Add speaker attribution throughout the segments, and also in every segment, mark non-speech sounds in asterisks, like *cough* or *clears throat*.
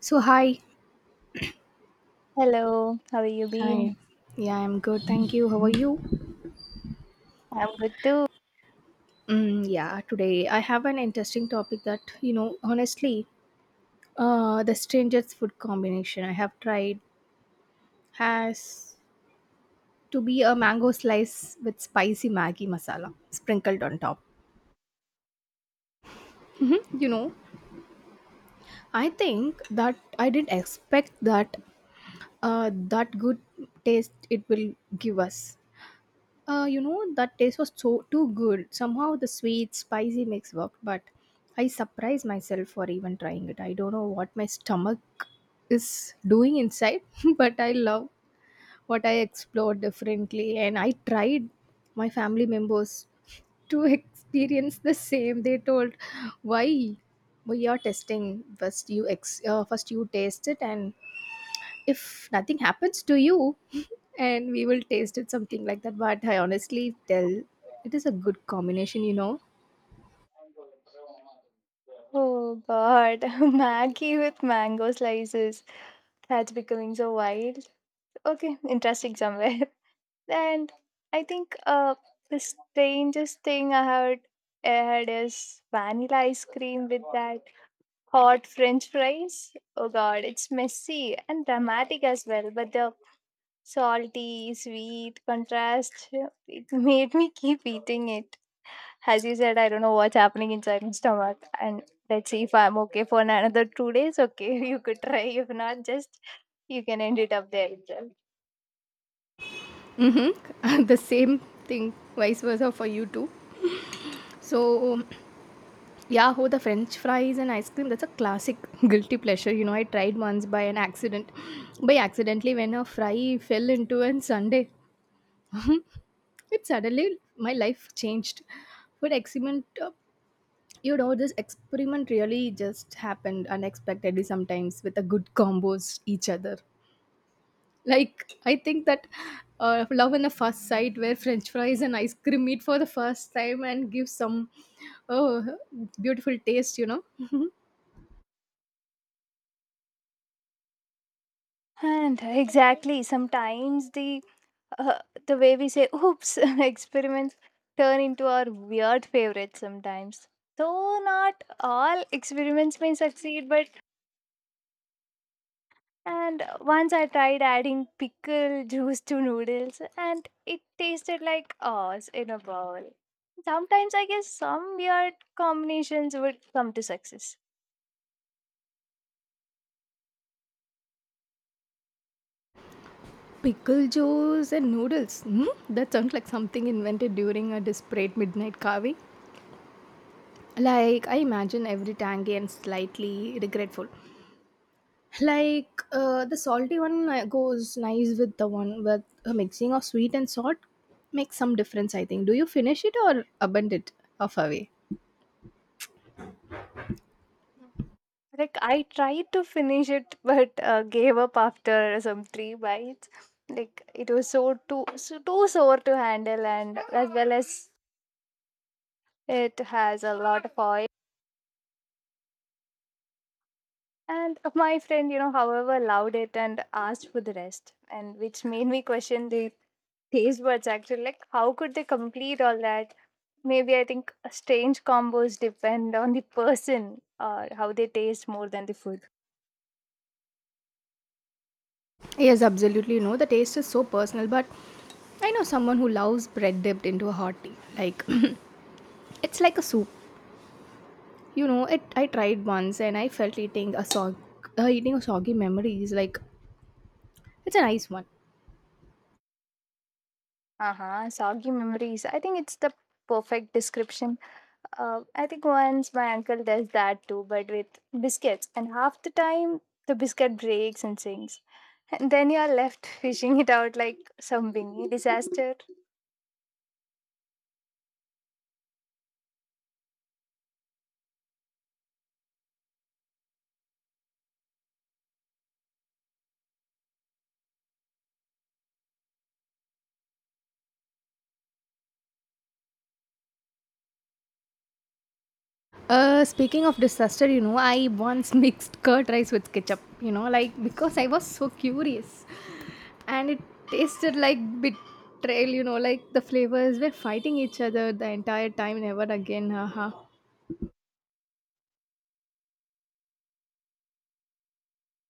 Speaker 1: So hi.
Speaker 2: Hello, how are you been?
Speaker 1: Hi. Yeah, I'm good. Thank you. How are you?
Speaker 2: I'm good too.
Speaker 1: Yeah, today I have an interesting topic that, you know, honestly, the strangest food combination I have tried has to be a mango slice with spicy Maggi masala sprinkled on top. Hmm. I think that I didn't expect that that good taste it will give us. You know, that taste was so too good. Somehow the sweet spicy mix worked, but I surprised myself for even trying it. I don't know what my stomach is doing inside, *laughs* but I love what I explored differently, and I tried my family members to *laughs* experience the same. They told, "Why? We are testing first. First you taste it, and if nothing happens to you *laughs* and we will taste it," something like that. But I honestly tell it is a good combination, you know.
Speaker 2: Oh God, *laughs* Maggie with mango slices. That's becoming so wild. Okay, interesting somewhere. *laughs* And I think the strangest thing I heard had is vanilla ice cream with that hot French fries. Oh God, it's messy and dramatic as well, but the salty, sweet contrast, *laughs* it made me keep eating it. As you said, I don't know what's happening inside my stomach. And let's see if I'm okay for another 2 days. Okay, *laughs* you could try. If not, just you can end it up there itself.
Speaker 1: Mm-hmm. *laughs* The same thing vice versa for you too. So yeah. Oh, the french fries and ice cream, that's a classic *laughs* guilty pleasure. You know I tried once by an accident, by accidentally, when a fry fell into an sunday. It suddenly my life changed for excellent. You know this experiment really just happened unexpectedly, sometimes with a good combos each other. Like, I think that love in the first sight, where french fries and ice cream meet for the first time and give some, oh, beautiful taste. You know
Speaker 2: And exactly, sometimes uh, the way we say "oops" *laughs* experiments turn into our weird favorites. Sometimes, though not all experiments may succeed, but and once I tried adding pickle *laughs* juice to noodles, and it tasted like ours in a bowl. Sometimes I guess some weird combinations would come to success.
Speaker 1: pickle juice and noodles, hmm? That sounds like something invented during a desperate midnight carving, like I imagine every tangy and slightly regretful. Like, the salty one goes nice with the one with a mixing of sweet and salt, makes some difference, I think. Do you finish it or abandon it half away?
Speaker 2: Like I tried to finish it, *laughs* but gave up after some three bites. Like it was so too sore to handle, and as well as it has a lot of oil. And my friend, you know, however, loved it and asked for the rest, and which made me question the taste buds actually, like how could they complete all that? Maybe I think strange combos depend on the person or how they taste more than the food.
Speaker 1: Yes, absolutely. No, the taste is so personal, but I know someone who loves bread dipped into a hot tea. Like, *clears throat* it's like a soup. You know it I tried once, and I felt eating a soggy memories, like it's a nice one.
Speaker 2: Uh-huh, soggy memories, I think it's the perfect description. I think once my uncle does that too, but with biscuits, and half the time the biscuit breaks and sinks, and then you are left *laughs* fishing it out like some wingy disaster.
Speaker 1: Speaking of disaster, you know, I once *laughs* mixed curd rice with ketchup, you know, like, because I was so curious, and it tasted like betrayal, you know, like the flavors were fighting each other the entire time. Never again. Haha.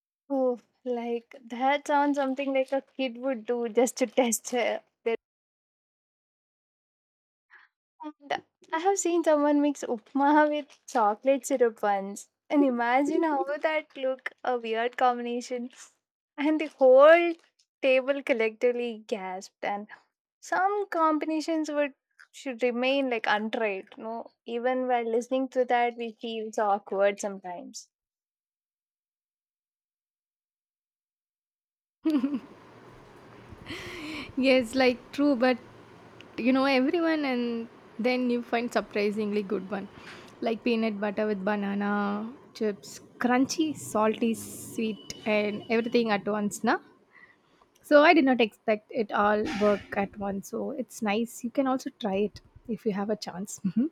Speaker 2: *laughs* Oh, like that sounds something like a kid would do just to test their. And I have seen someone mix upma with chocolate syrup once. And imagine how would that look, a weird combination. And the whole table collectively gasped. And some combinations would should remain like untried. No, even while listening to that, we feel so awkward sometimes.
Speaker 1: Yes, like, true, but you know, everyone, and then you find surprisingly good one, like peanut butter with banana chips. Crunchy, salty, sweet, and everything at once, na? So I did not expect it all work at once. So it's nice. You can also try it if you have a chance. Mhm.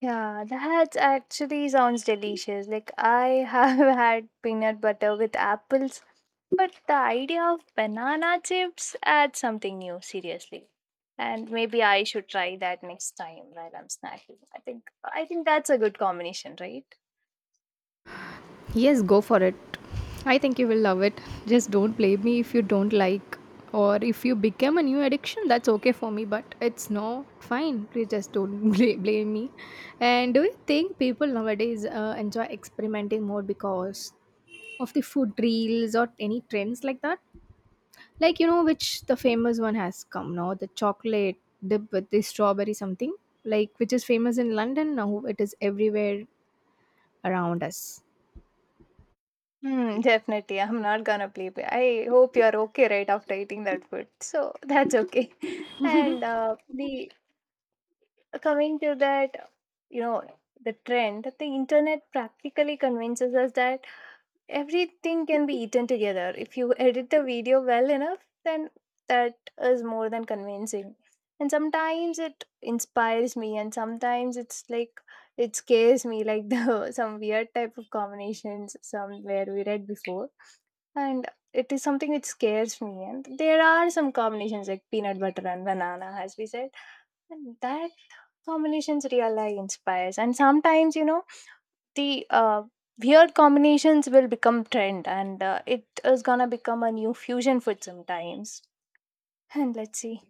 Speaker 2: Yeah, that actually sounds delicious. Like I have *laughs* had peanut butter with apples, but the idea of banana chips adds something new, seriously. And maybe I should try that next time while I'm snacking. I think that's a good combination, right?
Speaker 1: Yes, go for it. I think you will love it. Just don't blame me if you don't like, or if you become a new addiction. That's okay for me, but it's no fine. Please just don't *laughs* blame me. And do you think people nowadays enjoy experimenting more because of the food reels or any trends like that? Like, you know, which the famous one has come now, the chocolate dip with the strawberry something, like which is famous in London now, it is everywhere around us.
Speaker 2: Hmm, *laughs* definitely. I'm not gonna play. Play. I hope you're okay right after eating that food. So that's okay. *laughs* And the coming to that, you know, the trend, the internet practically convinces us that everything can be eaten together if you edit the video well enough. Then that is more than convincing, and sometimes it inspires me, and sometimes it's like it scares me, like the *laughs* some weird type of combinations somewhere we read before. And it is something which scares me, and there are some combinations like peanut butter and banana, as we said. And that combinations really inspires, and sometimes you know the weird combinations will become trend, and it is gonna become a new fusion food sometimes. And let's see.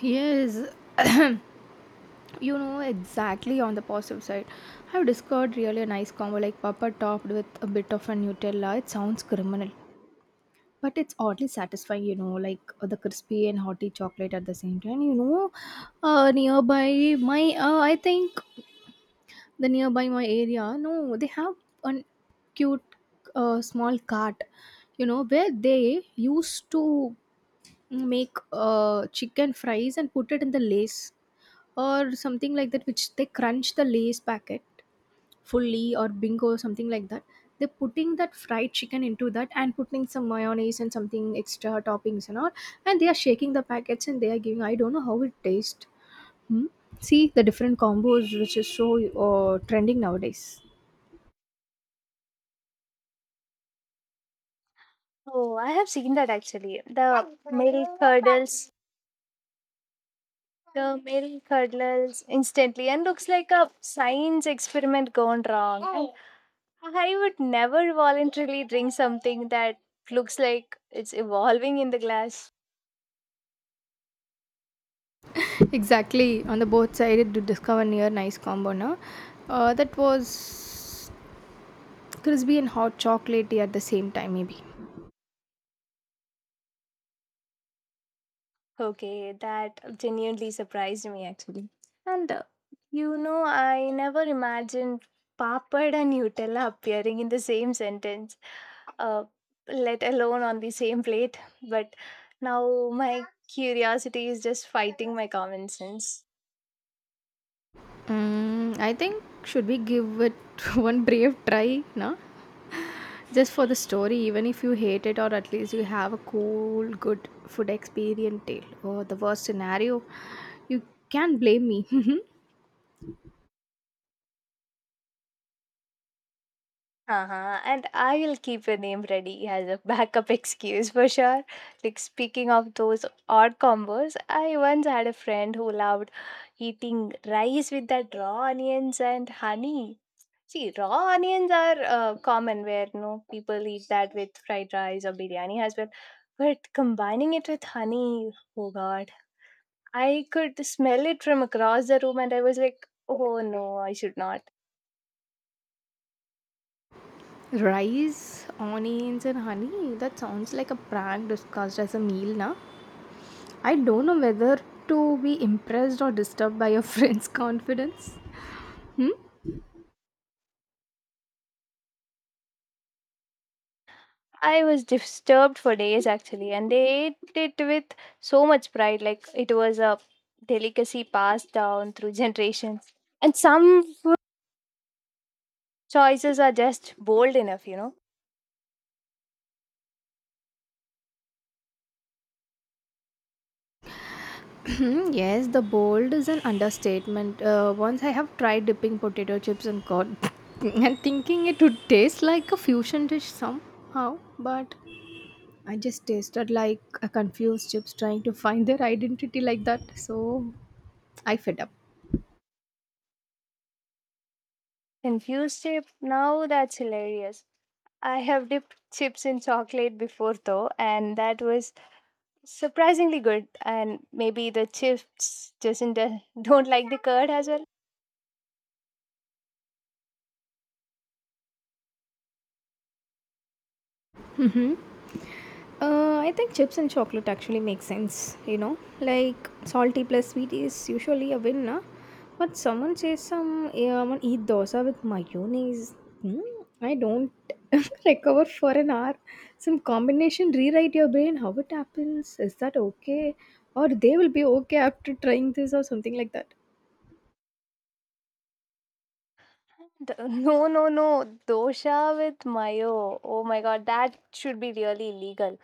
Speaker 1: Yes. *coughs* *clears throat* you know exactly, on the positive side, I've discovered really a nice combo, like papa topped with a bit of a Nutella. It sounds criminal, but it's oddly satisfying, you know, like, the crispy and hotty chocolate at the same time. You know, Nearby my, I think the nearby my area, no, they have an cute small cart, you know where they used to make chicken fries and put it in the lace or something like that, which they crunch the lace packet fully or bingo or something like that. They're putting that fried chicken into that and putting some mayonnaise and something extra toppings and all, and they are shaking the packets and they are giving. I don't know how it tastes. Hmm? See the different combos which is so trending nowadays.
Speaker 2: Oh, I have seen that actually. The milk curdles instantly, and looks like a science experiment gone wrong. And I would never voluntarily drink something that looks like it's evolving in the glass.
Speaker 1: Exactly, on the both sided to discover near nice combo, na. That was crispy and hot chocolatey at the same time, maybe.
Speaker 2: Okay, that genuinely surprised me actually. And you know, I never imagined papad and Nutella appearing in the same sentence, uh, let alone on the same plate. But now my curiosity is just fighting my common sense.
Speaker 1: Mm, I think should we give it *laughs* one brave try, na? Just for the story, even if you hate it, or at least you have a cool, good food experience tale. Or the worst scenario, you can blame me. *laughs*
Speaker 2: Uh-huh. And I will keep your name ready as a backup *laughs* excuse for sure. Like, speaking of those odd combos, I once had a friend who loved eating rice with that raw onions and honey. See, raw onions are common where no people eat that with fried rice or biryani as well. But combining it with honey, oh god, I could smell it from across the room, and I was like, oh no, I should not.
Speaker 1: Rice, onions and honey, that sounds like a prank discussed as a meal, na. I don't know whether to be impressed or disturbed by your friend's *laughs* confidence. Hmm?
Speaker 2: I was disturbed for days actually, and they ate it with so much pride, like it was a delicacy passed down through generations. And some food choices are just bold enough, you know.
Speaker 1: *clears throat* Yes, the bold is an understatement. Once I have tried dipping potato chips in corn *laughs* and thinking it would taste like a fusion dish somehow, but I just tasted like a confused chips trying to find their identity like that, so I fed up.
Speaker 2: Confused chip? Now that's hilarious. I have dipped chips in chocolate before though, and that was surprisingly good. And maybe the chips doesn't *laughs* don't like the curd as well.
Speaker 1: *laughs* I think chips and chocolate actually make sense. You know. Like salty plus sweet is usually a win, na? But someone says some, yeah, I'm gonna eat dosa with mayonnaise. Hmm? I don't *laughs* recover for an hour. Some combination rewrite your brain. How it happens? Is that okay? Or they will be okay after trying this or something like that.
Speaker 2: No, no, no. Dosha with mayo. Oh my god, that should be really illegal.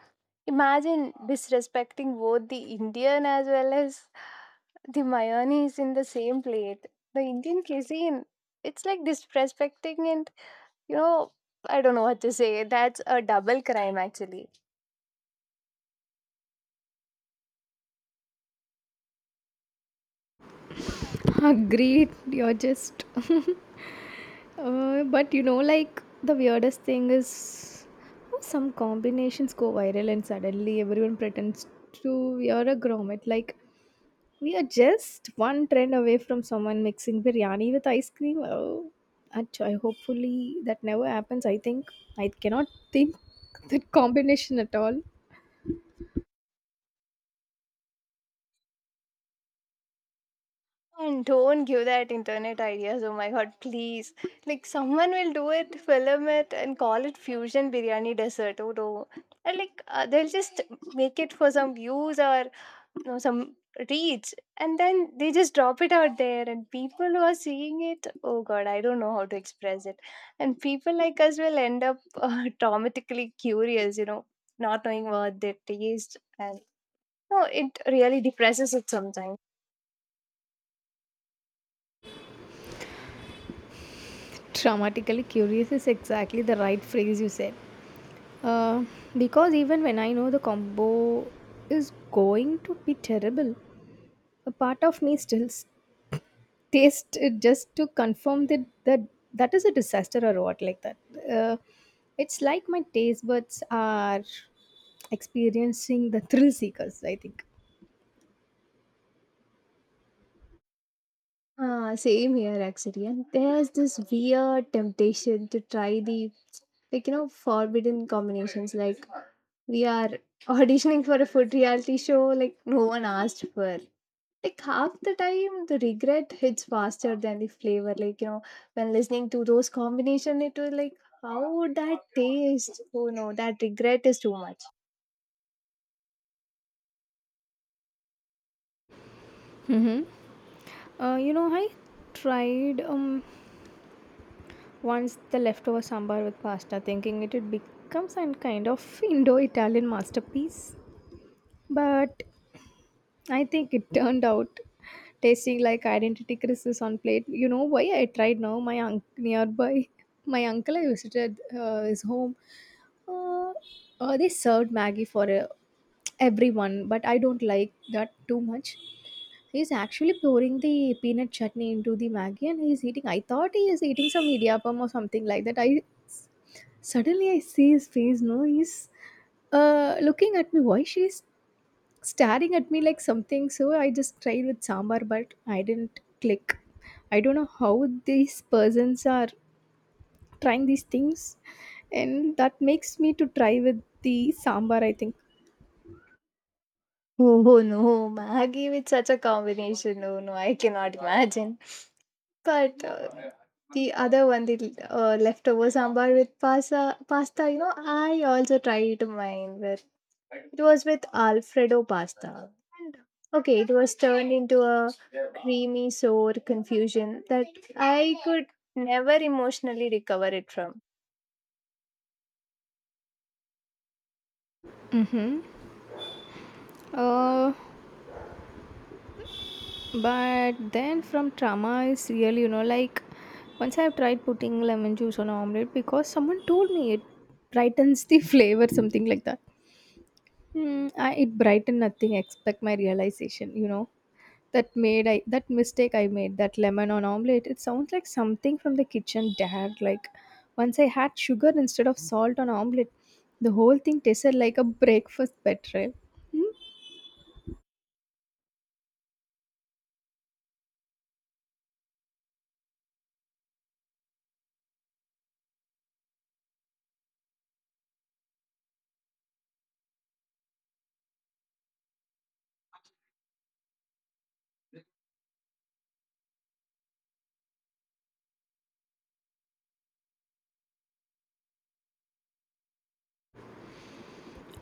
Speaker 2: Imagine disrespecting both the Indian as well as the mayonnaise in the same plate. The Indian cuisine, it's like disrespecting it. You know, I don't know what to say. That's a double crime, actually.
Speaker 1: *laughs* Agreed. You're just *laughs* but, you know, like, the weirdest thing is how some combinations go viral and suddenly everyone pretends to we a grommet. Like we are just one trend away from someone mixing biryani with ice cream. Oh, I hopefully that never happens. I think I cannot think that combination at all.
Speaker 2: And don't give that internet ideas. Oh my god, please. Like, someone will do it, film it, and call it fusion biryani dessert. Oh no. And like, they'll just make it for some views, or you know, some reach. And then they just drop it out there, and people who are seeing it, oh god, I don't know how to express it. And people like us will end up *laughs* traumatically curious, you know, not knowing what they taste. And no, it really depresses it sometimes.
Speaker 1: Dramatically curious is exactly the right phrase you said. Uh, because even when I know the combo is going to be terrible, a part of me still tastes it just to confirm that that is a disaster or what like that. Uh, it's like my taste buds are experiencing the thrill seekers, I think.
Speaker 2: Ah, same here actually. And there's this weird temptation to try the, like, you know, forbidden combinations. Like we are auditioning for a food reality show like no one asked for. Like half the time the regret hits faster than the flavor. Like, you know, when listening to those combination, it was like, how would that taste? Oh no, that regret is too much. *laughs*
Speaker 1: Mm-hmm. You know, I tried once the leftover sambar with pasta, thinking it would become some kind of Indo-Italian masterpiece. But I think it turned out tasting like identity crisis on plate. You know why I tried now? *laughs* My uncle I visited his home. Uh, they served Maggie for everyone, but I don't like that too much. He's actually pouring the peanut chutney into the Maggie and he's eating. I thought he is eating some idiyappam or something like that. I suddenly I see his face. No, he's looking at me. Why she's staring at me like something. So I just tried with sambar, but I didn't click. I don't know how these persons are trying these things, and that makes me to try with the sambar, I think.
Speaker 2: Oh no, Maggie with such a combination. Oh no, I cannot imagine. But the other one, the leftover sambar with pasta, you know, I also tried mine with, it was with Alfredo pasta. And okay, it was turned into a creamy, sour confusion that I could never emotionally recover it from.
Speaker 1: Uh, but then from trauma is real, you know, like once I've tried putting lemon juice on an omelette because someone told me it brightens the *laughs* flavor, something like that. Hmm, I, it brightened nothing except my realization. You know. That made I that mistake I made, that lemon on omelette, it sounds like something from the kitchen dare. Like once I had sugar instead of salt on omelette, the whole thing tasted like a breakfast betrayal. Hmm?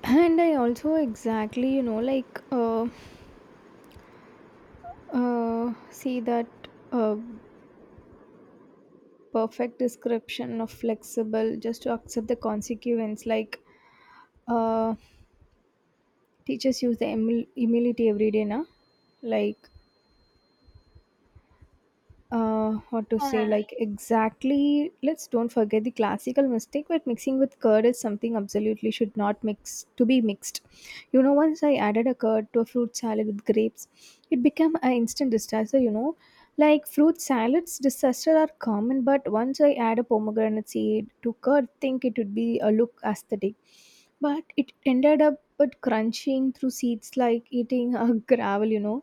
Speaker 1: And I also exactly, you know, like, see that uh, perfect description of flexible just to accept the consequence. Like uh, teachers use the humility every day, na? Like, what to say,
Speaker 2: Yeah,
Speaker 1: like, exactly, let's don't forget the classical mistake, but mixing with curd is something absolutely should not mix to be mixed. You know once I added a curd to a fruit salad with grapes, it became an instant disaster, you know like fruit salads disaster are common, but once I add a pomegranate seed to curd, think it would be a look aesthetic, but it ended up but crunching through seeds like eating a *laughs* gravel. You know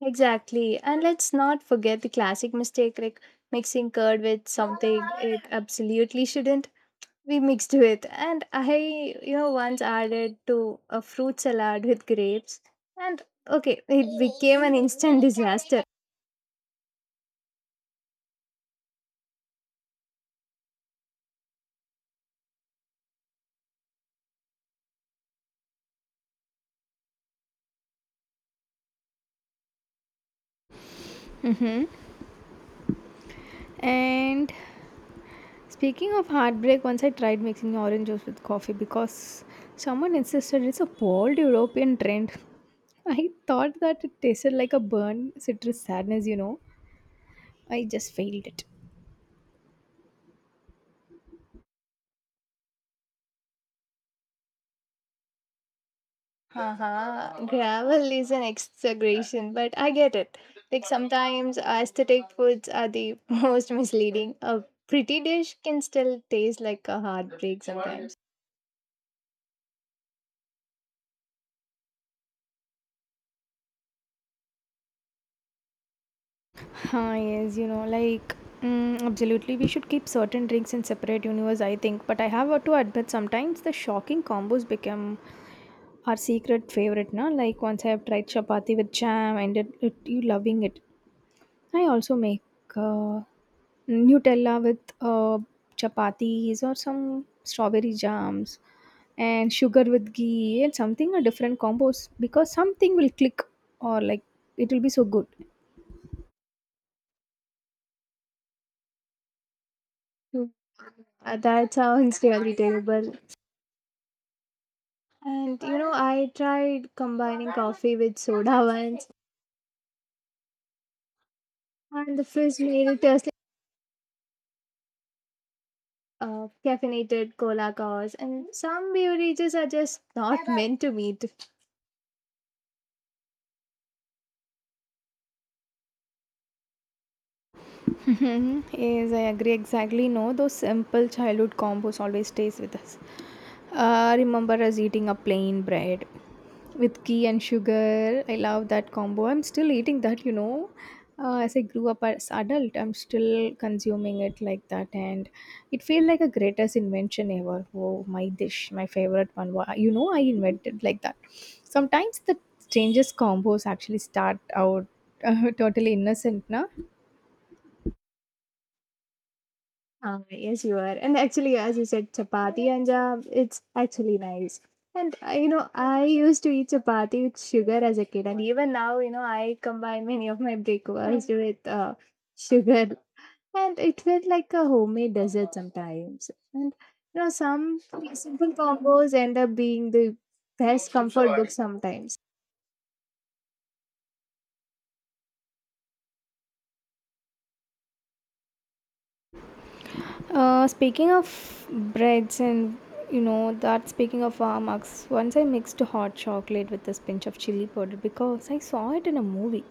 Speaker 2: exactly. And let's not forget the classic mistake, like mixing curd with something it absolutely shouldn't. We mixed with, and I, you know, once added to a fruit salad with grapes, and okay, it became an instant disaster.
Speaker 1: hmm. And speaking of heartbreak, once I tried mixing orange juice with coffee because someone insisted it's a bold European trend. *laughs* I thought that it tasted like a burn citrus sadness. You know. I just failed it.
Speaker 2: Haha, gravel is an exaggeration, but I get it. Like sometimes aesthetic foods are the *laughs* most misleading. A pretty dish can still taste like a heartbreak sometimes.
Speaker 1: Ah, yes, you know, like, mm, absolutely, we should keep certain drinks in separate universe, I think. But I have to admit, sometimes the shocking combos become our secret favorite, na? Like, once I have tried chapati with jam, and you loving it. I also make uh, Nutella with chapatis or some strawberry jams and sugar with ghee and something a different combos, because something will click, or like it will be so good.
Speaker 2: Hmm. That sounds really terrible. And you know, I tried combining coffee with soda once, and the frizz made it a caffeinated cola cows, and some beverages are just not meant to meet.
Speaker 1: Mhm. Yes, I agree exactly. No, those simple childhood combos always stays with us. Remember us eating a plain bread with ghee and sugar. I love that combo. I'm still eating that. You know. As I grew up as adult, I'm still consuming it like that, and it felt like a greatest invention ever. Oh, my dish, my favorite one. You know, I invented like that. Sometimes the strangest combos actually start out *laughs* totally innocent, na?
Speaker 2: Ah, yes, you are. And actually, as you said, chapati and jam, it's actually nice. And you know, I used to eat chapati with sugar as a kid, and even now, you know, I combine many of my breakfasts with sugar, and it felt like a homemade dessert sometimes. And you know, some simple combos end up being the best comfort book sometimes.
Speaker 1: Speaking of breads and you know that speaking of Marks, once I mixed hot chocolate with this pinch of chili powder because I saw it in a movie.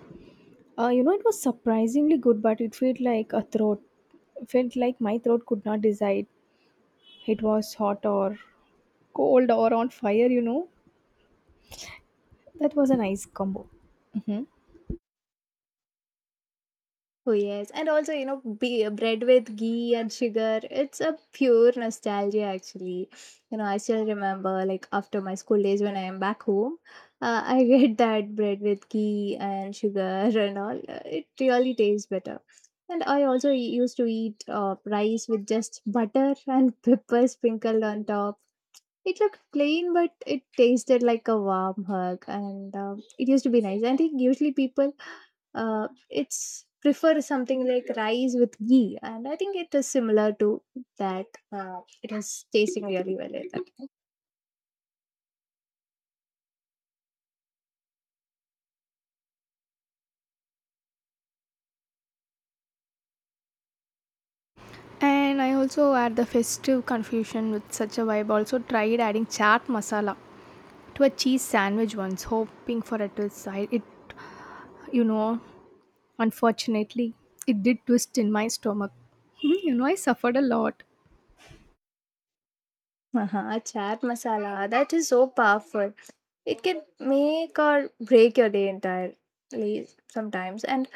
Speaker 1: You know it was surprisingly good, but it felt like a throat felt like my throat could not decide it was hot or cold or on fire. You know that was a nice combo. Hmm.
Speaker 2: Oh yes, and also you know, bread with ghee and sugar. It's a pure nostalgia, actually. You know, I still remember like after my school days when I am back home, *laughs* I get that bread with ghee and sugar and all. It really tastes better. And I also used to eat rice with just butter *laughs* and pepper sprinkled on top. It looked plain, but it tasted like a warm hug, and it used to be nice. I think usually people it's prefer something like rice with ghee, and I think it is similar to that. It is tasting *laughs* really well like that.
Speaker 1: And I also add the festive confusion with such a vibe. Also tried adding chaat masala to a cheese sandwich once, hoping for a twist. I, it you know, unfortunately, it did twist in my stomach. *laughs* You know, I suffered a lot.
Speaker 2: Uh-huh, chaat masala, that is so powerful. It can make or break your day entirely sometimes. And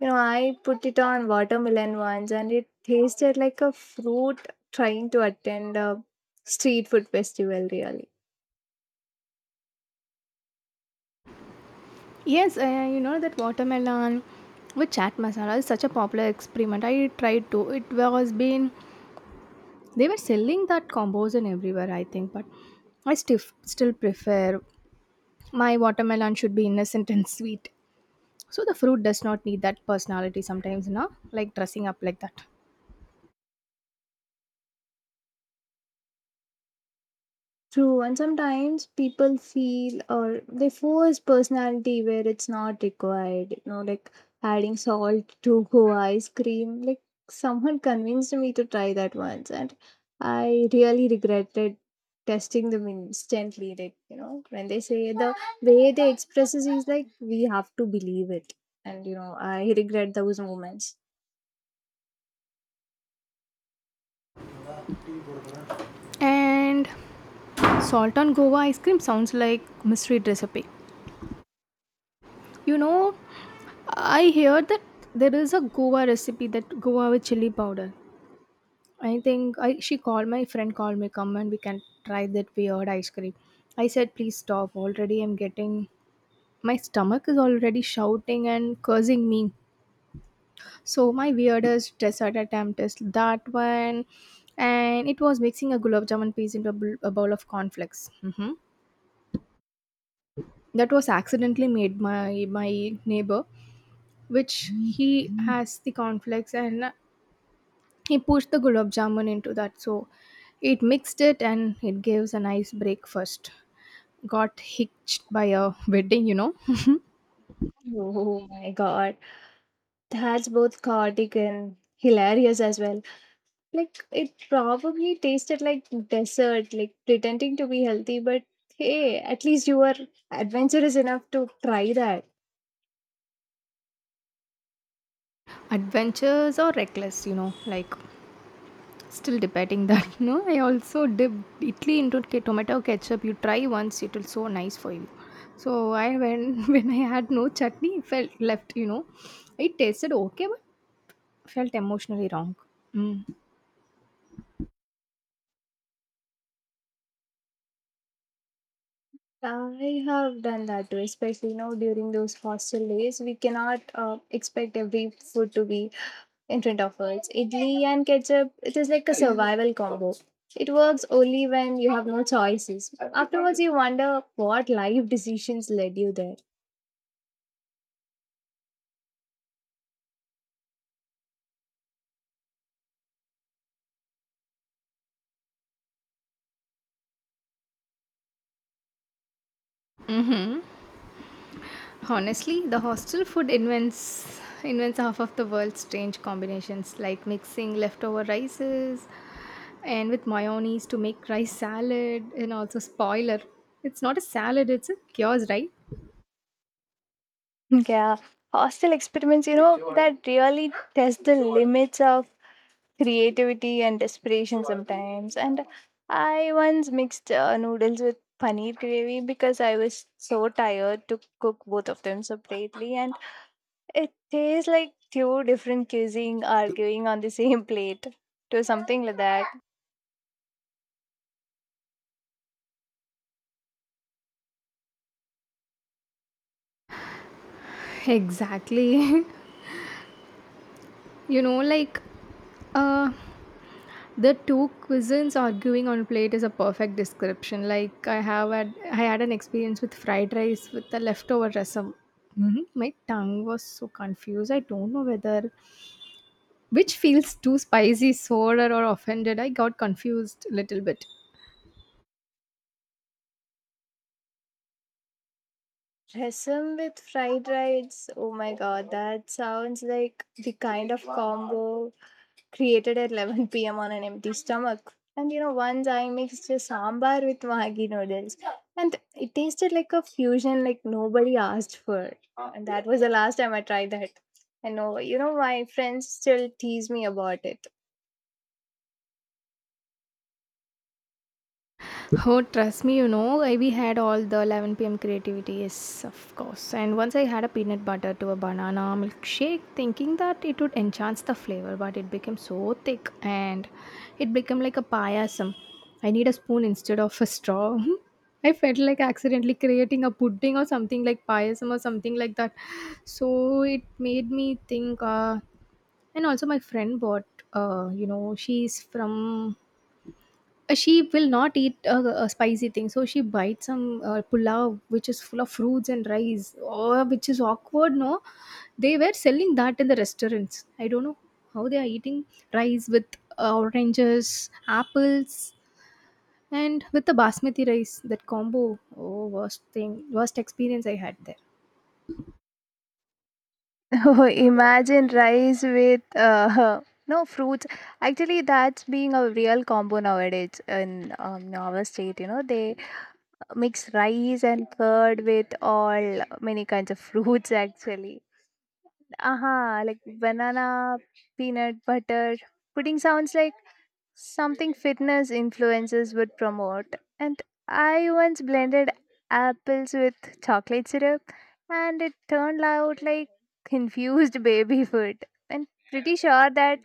Speaker 2: you know, I put it on watermelon once, and it tasted like a fruit trying to attend a street food festival really.
Speaker 1: Yes, you know that watermelon with chat masala is such a popular experiment. I tried to. It was been they were selling that combos and everywhere, I think, but I still prefer my watermelon should be innocent and sweet. So the fruit does not need that personality sometimes, na? Like dressing up like that.
Speaker 2: True, and sometimes people feel or they force personality where it's not required. You know, like adding salt to *laughs* go ice cream. Like someone convinced me to try that once, and I really regretted testing them instantly. Like, you know, when they say, the way they express it, is like we have to believe it, and you know, I regret those moments.
Speaker 1: And salt on Goa ice cream sounds like mystery recipe. You know, I hear that there is a Goa recipe that Goa with chili powder. I think I she called my friend called me come and we can try that weird ice cream. I said please stop already, I'm getting my stomach is already shouting and cursing me. So my weirdest dessert attempt is that one, and it was mixing a gulab jamun piece into a, a bowl of cornflakes. Hmm. That was accidentally made my neighbor, which he has the cornflakes and he pushed the gulab jamun into that, so it mixed it and it gives a nice breakfast got hitched by a *laughs* wedding, you know.
Speaker 2: Oh my god, that's both chaotic and hilarious as well. Like it probably tasted like dessert, like pretending to be healthy, but hey, at least you were adventurous enough to try that.
Speaker 1: *laughs* Adventures or reckless, you know, like still debating that. *laughs* You know, I also dipped italy into tomato ketchup. You try once, it will so nice for you. So I when *laughs* when I had no chutney it felt left, you know. It tasted okay but felt emotionally wrong. Mm.
Speaker 2: I have done that too, especially you know during those hostel days. We cannot expect every food to be in front of us. Idli and ketchup, it is like a survival combo. It works only when you have no choices. Afterwards, you wonder what life decisions led you there.
Speaker 1: Honestly, the hostel food invents half of the world's strange combinations, like mixing leftover rices and with mayonnaise to make rice salad, and also spoiler, it's not a salad, it's a kiosk, right?
Speaker 2: Yeah, hostile experiments, you know, that really test the limits of creativity and desperation sometimes. And I once mixed noodles with paneer gravy because I was so tired to cook both of them separately. And it tastes like two different cuisine arguing on the *laughs* same plate, to something like that.
Speaker 1: Exactly. *laughs* You know, like uh the two cuisines arguing on a plate is a perfect description. Like I had an experience with fried rice with the leftover rasam. Mhm. My tongue was so confused. I don't know whether which feels too spicy, sour, or offended. I got confused a little bit.
Speaker 2: Rasam with fried rice, oh my god, that sounds like the kind of combo created at 11 *laughs* p.m. on an empty stomach. And you know, once I mixed a sambar with Maggi noodles, and it tasted like a fusion like nobody asked for. And that was the last time I tried that. And oh, you know, my friends still tease me about it. *laughs*
Speaker 1: Oh, trust me, you know, I we had all the 11 p.m. creativity, yes, of course. And once I had a peanut butter to a banana milkshake, thinking that it would enhance the flavor, but it became so thick and it became like a payasam. I need a spoon instead of a straw. *laughs* I felt like accidentally creating a pudding or something like payasam or something like that. So it made me think, and also my friend bought, you know, she's from she will not eat a spicy thing. So she bites some pulao, which is full of fruits and rice, oh, which is awkward, no? They were selling that in the restaurants. I don't know how they are eating rice with oranges, apples, and with the basmati rice, that combo. Oh, worst thing, worst experience I had there.
Speaker 2: Oh, imagine rice with *laughs* no fruits. Actually, that's being a real combo nowadays in our state. You know, they mix rice and curd with all many kinds of fruits actually. Aha, like banana, peanut butter. Pudding sounds like something fitness influencers would promote. And I once blended apples with chocolate syrup, and it turned out like confused *laughs* baby food. And pretty sure that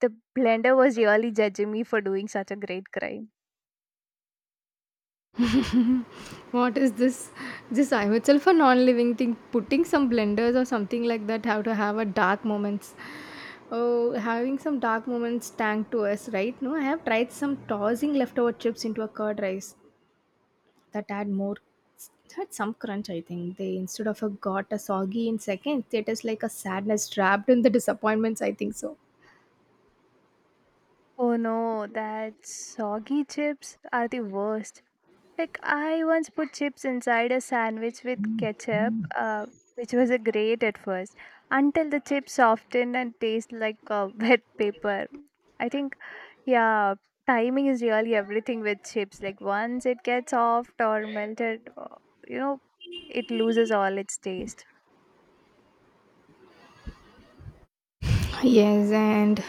Speaker 2: the blender was really judging me for doing such a great crime.
Speaker 1: What is this? This I'm itself a non-living thing. Putting some blenders or something like that have to have a dark moments. Oh, having some dark moments tank to us, right? No, I have tried some tossing leftover chips into a curd rice that add more had some crunch, I think, they instead of a got a soggy in seconds. It is like a sadness trapped in the disappointments, I think so.
Speaker 2: Oh no, that soggy chips are the worst. Like I once put chips inside a sandwich with ketchup, which was a great at first, until the chips softened and taste like *laughs* wet paper. I think, yeah, timing is really everything with chips. Like once it gets soft or melted, you know, it loses all its taste.
Speaker 1: Yes, and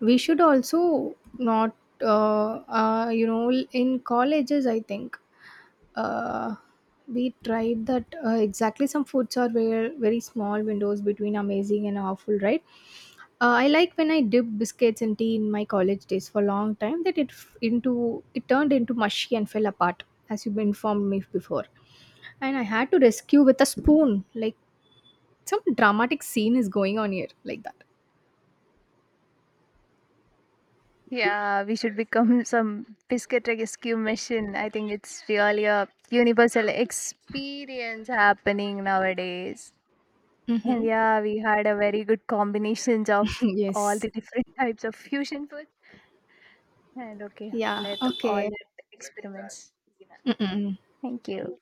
Speaker 1: we should also not you know in colleges I think uh, we tried that exactly, some foods are very, very small windows between amazing and awful, right? I like when I dipped biscuits and tea in my college days for a long time that it into it turned into mushy and fell apart, as you informed me before, and I had to rescue with a spoon, like some dramatic scene is going on here like that.
Speaker 2: Yeah, we should become *laughs* some biscuit rescue mission. I think it's really a universal experience happening nowadays. And
Speaker 1: Mm-hmm.
Speaker 2: yeah, we had a very good combinations of
Speaker 1: *laughs*
Speaker 2: all
Speaker 1: Yes.
Speaker 2: the different *laughs* types of fusion food. And okay,
Speaker 1: Yeah,
Speaker 2: let all
Speaker 1: okay.
Speaker 2: that experiments.
Speaker 1: Mm-mm.
Speaker 2: Thank you.